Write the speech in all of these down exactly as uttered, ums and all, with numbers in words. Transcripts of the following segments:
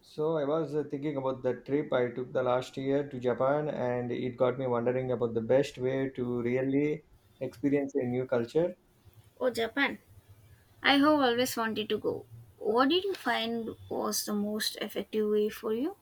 So I was uh, thinking about the trip I took the last year to Japan, and it got me wondering about the best way to really experience a new culture. Oh, Japan. I have always wanted to go. What did you find was the most effective way for you?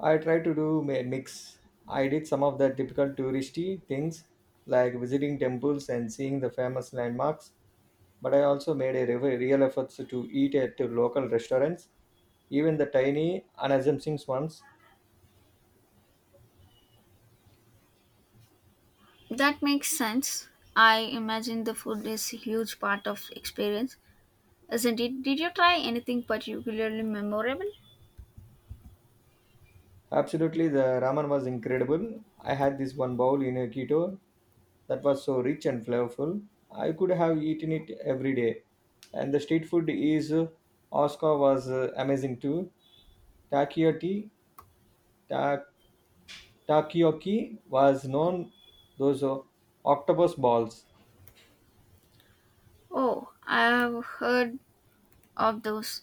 I tried to do a mix. I did some of the typical touristy things like visiting temples and seeing the famous landmarks, but I also made a re- real efforts to eat at local restaurants, even the tiny, unassuming ones. That makes sense. I imagine the food is a huge part of experience, isn't it? Did you try anything particularly memorable? Absolutely, the ramen was incredible. I had this one bowl in Kyoto that was so rich and flavorful. I could have eaten it every day. And the street food is uh, Oscar was uh, amazing too. Takoyaki, ta- takoyaki was known those uh, octopus balls Oh, I have heard of those.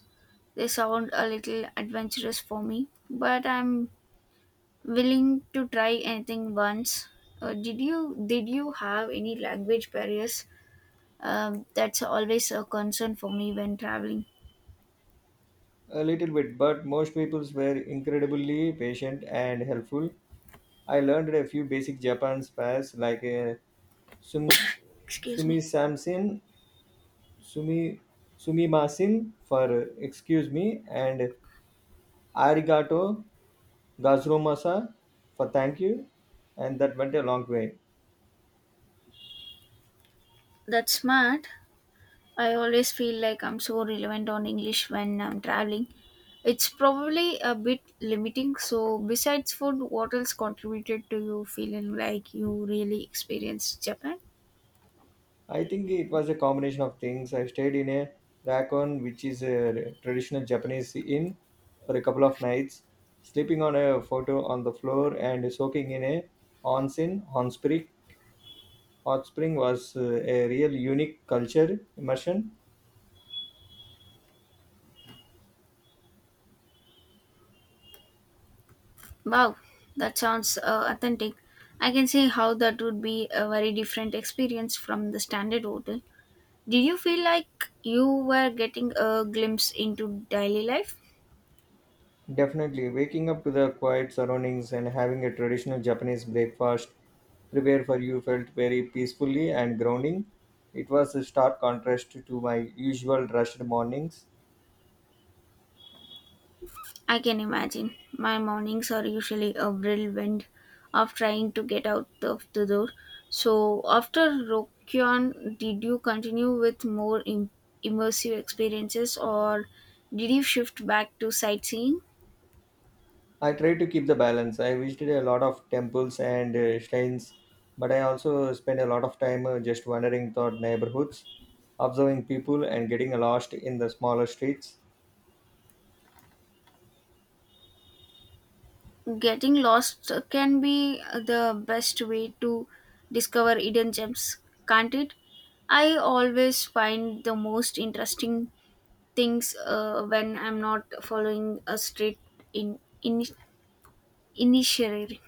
They sound a little adventurous for me, but I'm willing to try anything once. Uh, did you did you have any language barriers. Um, that's always a concern for me when traveling. a little bit, but most people were incredibly patient and helpful. I learned a few basic Japan spares like uh, sum, Excuse sumi me. samsin, sumi sumimasin for uh, excuse me and arigato Gazromasa for thank you, and that went a long way. That's smart. I always feel like I'm so relevant on English when I'm traveling. It's probably a bit limiting. So, besides food, what else contributed to you feeling like you really experienced Japan? I think it was a combination of things. I stayed in a racon, which is a traditional Japanese inn, for a couple of nights, sleeping on a photo on the floor and soaking in a onsen, hot spring. Hot spring was uh, a real unique culture immersion. Wow, that sounds uh, authentic. I can see how that would be a very different experience from the standard hotel. Did you feel like you were getting a glimpse into daily life? Definitely, waking up to the quiet surroundings and having a traditional Japanese breakfast prepared for you felt very peacefully and grounding. It was a stark contrast to my usual rushed mornings. I can imagine. My mornings are usually a whirlwind of trying to get out of the door. So, after Rokyon, did you continue with more im- immersive experiences, or did you shift back to sightseeing? I tried to keep the balance. I visited a lot of temples and uh, shrines, but I also spent a lot of time uh, just wandering through neighborhoods, observing people, and getting lost in the smaller streets. Getting lost can be the best way to discover hidden gems, can't it? I always find the most interesting things uh, when I'm not following a straight in, in Initiatory.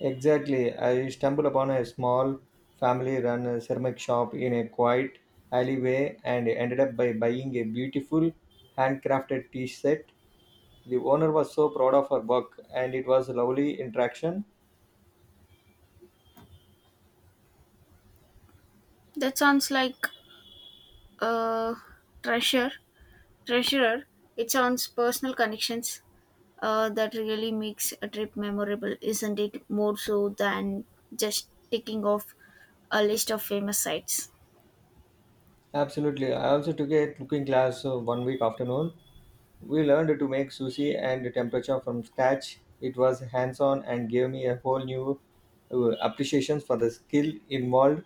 Exactly. I stumbled upon a small family run ceramic shop in a quiet alleyway and ended up by buying a beautiful handcrafted tea set. The owner was so proud of her work and it was a lovely interaction. That sounds like a treasure. Treasurer. It sounds personal connections. Uh, that really makes a trip memorable, isn't it? More so than just ticking off a list of famous sites. Absolutely. I also took a cooking class uh, one week afternoon. We learned to make sushi and temperature from scratch. It was hands on and gave me a whole new uh, appreciation for the skill involved.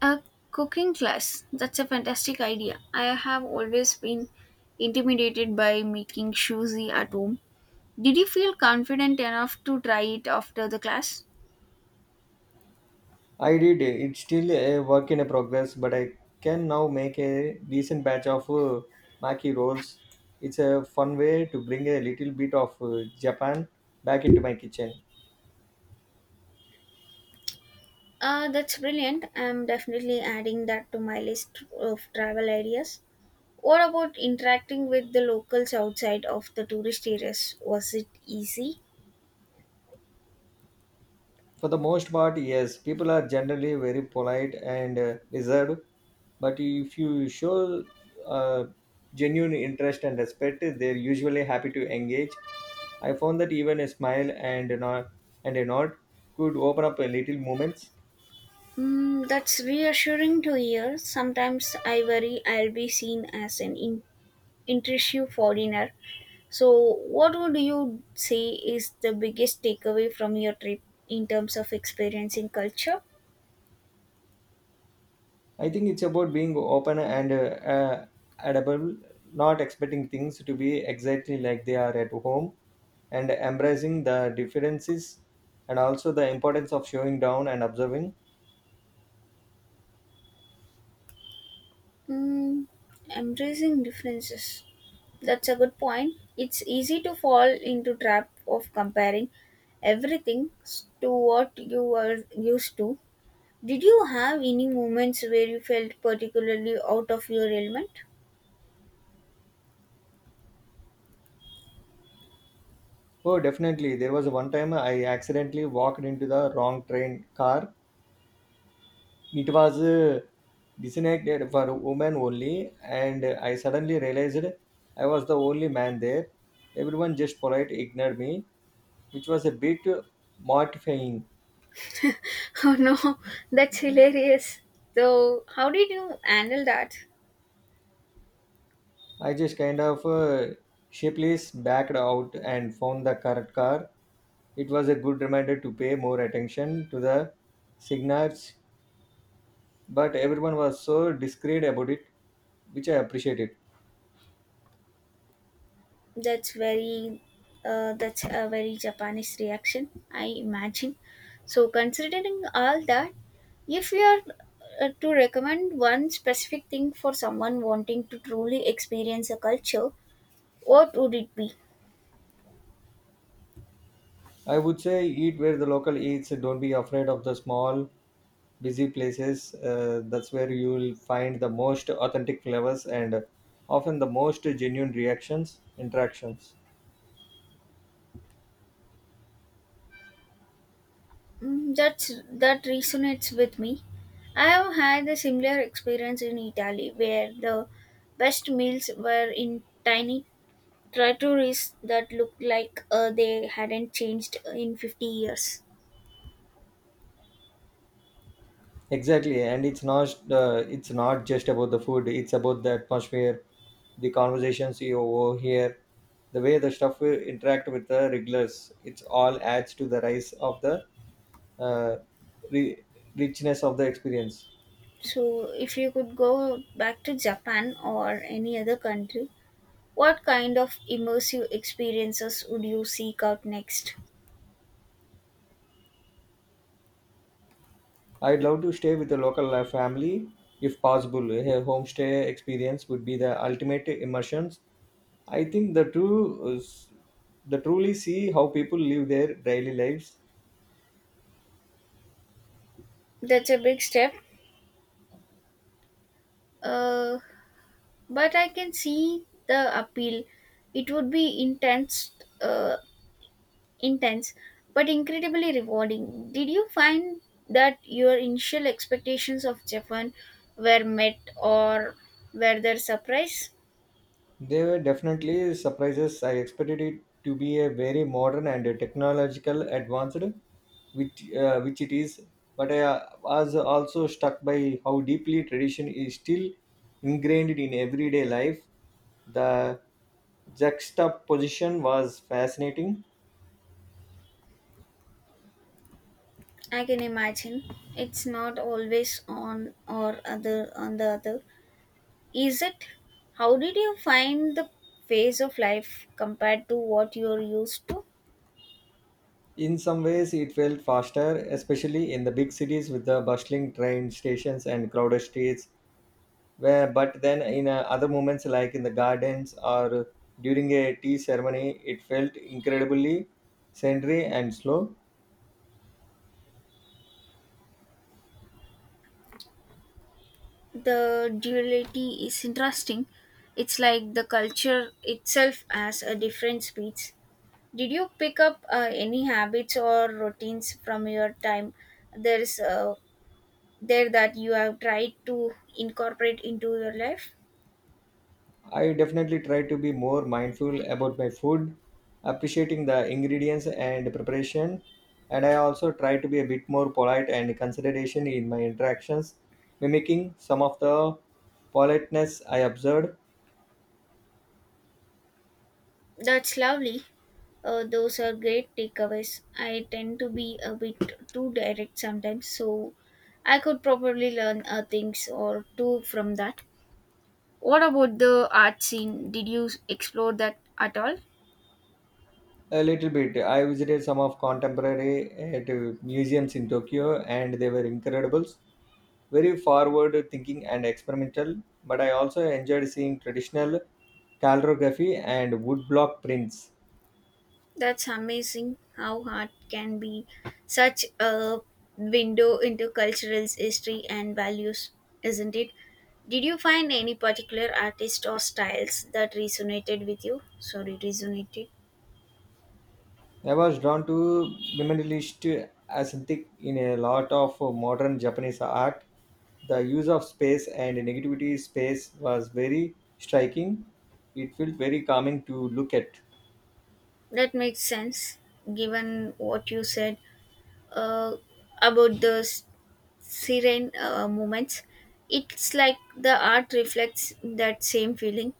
A cooking class. That's a fantastic idea. I have always been intimidated by making shuzi at home. Did you feel confident enough to try it after the class? I did. It's still a work in a progress, but I can now make a decent batch of uh, maki rolls. It's a fun way to bring a little bit of uh, Japan back into my kitchen. Uh, that's brilliant. I'm definitely adding that to my list of travel ideas. What about interacting with the locals outside of the tourist areas? Was it easy? For the most part, yes, people are generally very polite and uh, reserved, but if you show uh, genuine interest and respect, they're usually happy to engage. I found that even a smile and a nod, and a nod could open up a little moments. Mm, that's reassuring to hear. Sometimes I worry I'll be seen as an in- intrusive foreigner. So, what would you say is the biggest takeaway from your trip in terms of experiencing culture? I think it's about being open and uh, uh, adaptable, not expecting things to be exactly like they are at home, and embracing the differences and also the importance of showing down and observing. Mm, embracing differences. That's a good point. It's easy to fall into trap of comparing everything s- to what you were used to. Did you have any moments where you felt particularly out of your element? Oh, definitely. There was one time I accidentally walked into the wrong train car. It was uh, designated for women only, and I suddenly realized I was the only man there. Everyone just polite ignored me, which was a bit mortifying. Oh no, that's hilarious. So, how did you handle that? I just kind of uh, sheepishly backed out and found the correct car. It was a good reminder to pay more attention to the signals, but everyone was so discreet about it, which I appreciated. That's very uh, that's a very Japanese reaction, I imagine. So considering all that, if we are uh, to recommend one specific thing for someone wanting to truly experience a culture, what would it be? I would say eat where the local eats. Don't be afraid of the small, busy places. Uh, that's where you will find the most authentic flavors and often the most genuine reactions, interactions. Mm, that's that resonates with me. I have had a similar experience in Italy where the best meals were in tiny trattorias that looked like uh, they hadn't changed in fifty years. Exactly, and it's not uh, it's not just about the food. It's about the atmosphere, the conversations you overhear, the way the stuff will interact with the regulars. It's all adds to the rise of the uh, ri richness of the experience. So, if you could go back to Japan or any other country, what kind of immersive experiences would you seek out next? I'd love to stay with a local uh, family if possible. A homestay experience would be the ultimate immersions. I think the true uh, the truly see how people live their daily lives. That's a big step, uh, but I can see the appeal. It would be intense, uh, intense, but incredibly rewarding. Did you find that your initial expectations of Japan were met, or were there surprise? They were definitely surprises. I expected it to be a very modern and a technological advanced, which uh, which it is. But I uh, was also struck by how deeply tradition is still ingrained in everyday life. The juxtaposition was fascinating. I can imagine it's not always on or other on the other. Is it? How did you find the phase of life compared to what you're used to? In some ways, it felt faster, especially in the big cities with the bustling train stations and crowded streets where but then in uh, other moments like in the gardens or during a tea ceremony it felt incredibly sedentary and slow. The duality is interesting. It's like the culture itself has a different speeds. Did you pick up uh, any habits or routines from your time? There's uh, there That you have tried to incorporate into your life. I definitely try to be more mindful about my food, appreciating the ingredients and preparation, and I also try to be a bit more polite and consideration in my interactions, mimicking some of the politeness I observed. That's lovely. Uh, those are great takeaways. I tend to be a bit too direct sometimes, so I could probably learn uh, things or two from that. What about the art scene? Did you explore that at all? A little bit, I visited some of contemporary uh, to museums in Tokyo and they were incredible, very forward thinking and experimental, but I also enjoyed seeing traditional calligraphy and woodblock prints. That's amazing how art can be such a window into cultural history and values, isn't it? Did you find any particular artist or styles that resonated with you? Sorry, resonated. I was drawn to minimalist aesthetic in a lot of modern Japanese art. The use of space and negativity space was very striking. It felt very calming to look at. That makes sense given what you said uh, about the s- serene uh, moments. It's like the art reflects that same feeling.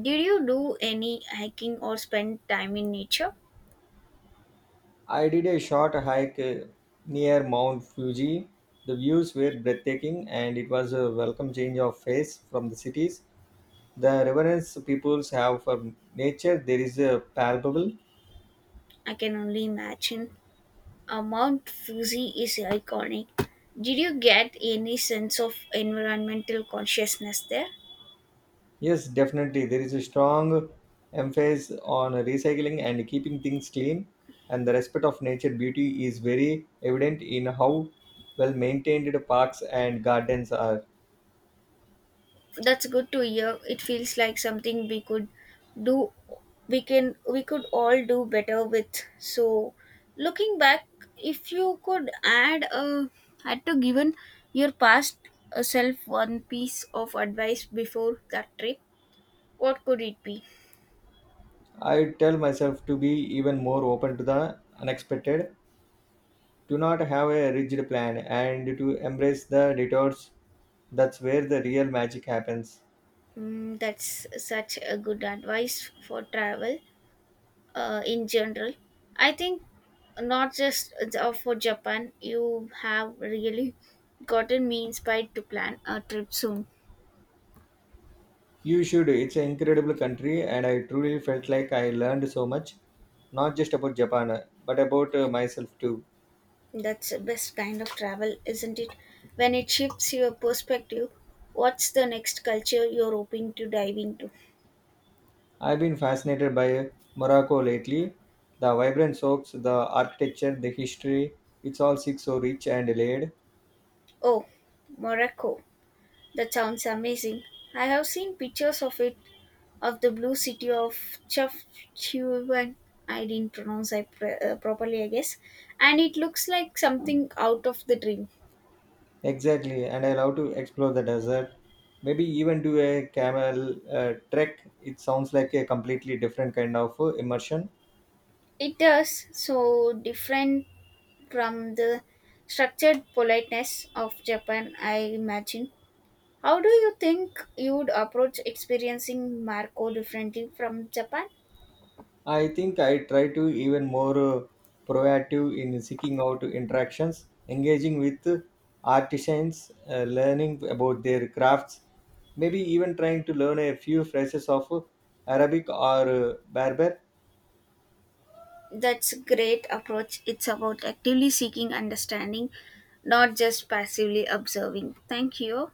Did you do any hiking or spend time in nature? I did a short hike uh, near Mount Fuji. The views were breathtaking and it was a welcome change of pace from the cities. The reverence peoples have for nature there is a palpable. I can only imagine. Uh, Mount Fuji is iconic. Did you get any sense of environmental consciousness there? Yes definitely, there is a strong emphasis on recycling and keeping things clean, and the respect of nature beauty is very evident in how well maintained parks and gardens are. That's good to hear. It feels like something we could do we can we could all do better with. So looking back, if you could add a had to given your past uh, self one piece of advice before that trip, what could it be? I tell myself to be even more open to the unexpected, to not have a rigid plan and to embrace the detours. That's where the real magic happens. Mm, that's such a good advice for travel, uh, in general. I think not just uh, for Japan, you have really gotten me inspired to plan a trip soon. You should. It's an incredible country, and I truly felt like I learned so much, not just about Japan, uh, but about uh, myself too. That's the best kind of travel, isn't it? When it shifts your perspective, what's the next culture you're hoping to dive into? I've been fascinated by uh, Morocco lately. The vibrant soaks, the architecture, the history, it's all six so rich and layered. Oh, Morocco. That sounds amazing. I have seen pictures of it of the blue city of Chafchuvan. I didn't pronounce I pr- uh, properly, I guess. And it looks like something out of the dream. Exactly, and I love to explore the desert. Maybe even do a camel uh, trek. It sounds like a completely different kind of uh, immersion. It does so different from the structured politeness of Japan, I imagine. How do you think you'd approach experiencing Marco differently from Japan? I think I try to even more uh, proactive in seeking out interactions, engaging with artisans, uh, learning about their crafts, maybe even trying to learn a few phrases of Arabic or uh, Berber That's a great approach. It's about actively seeking understanding, not just passively observing. Thank you.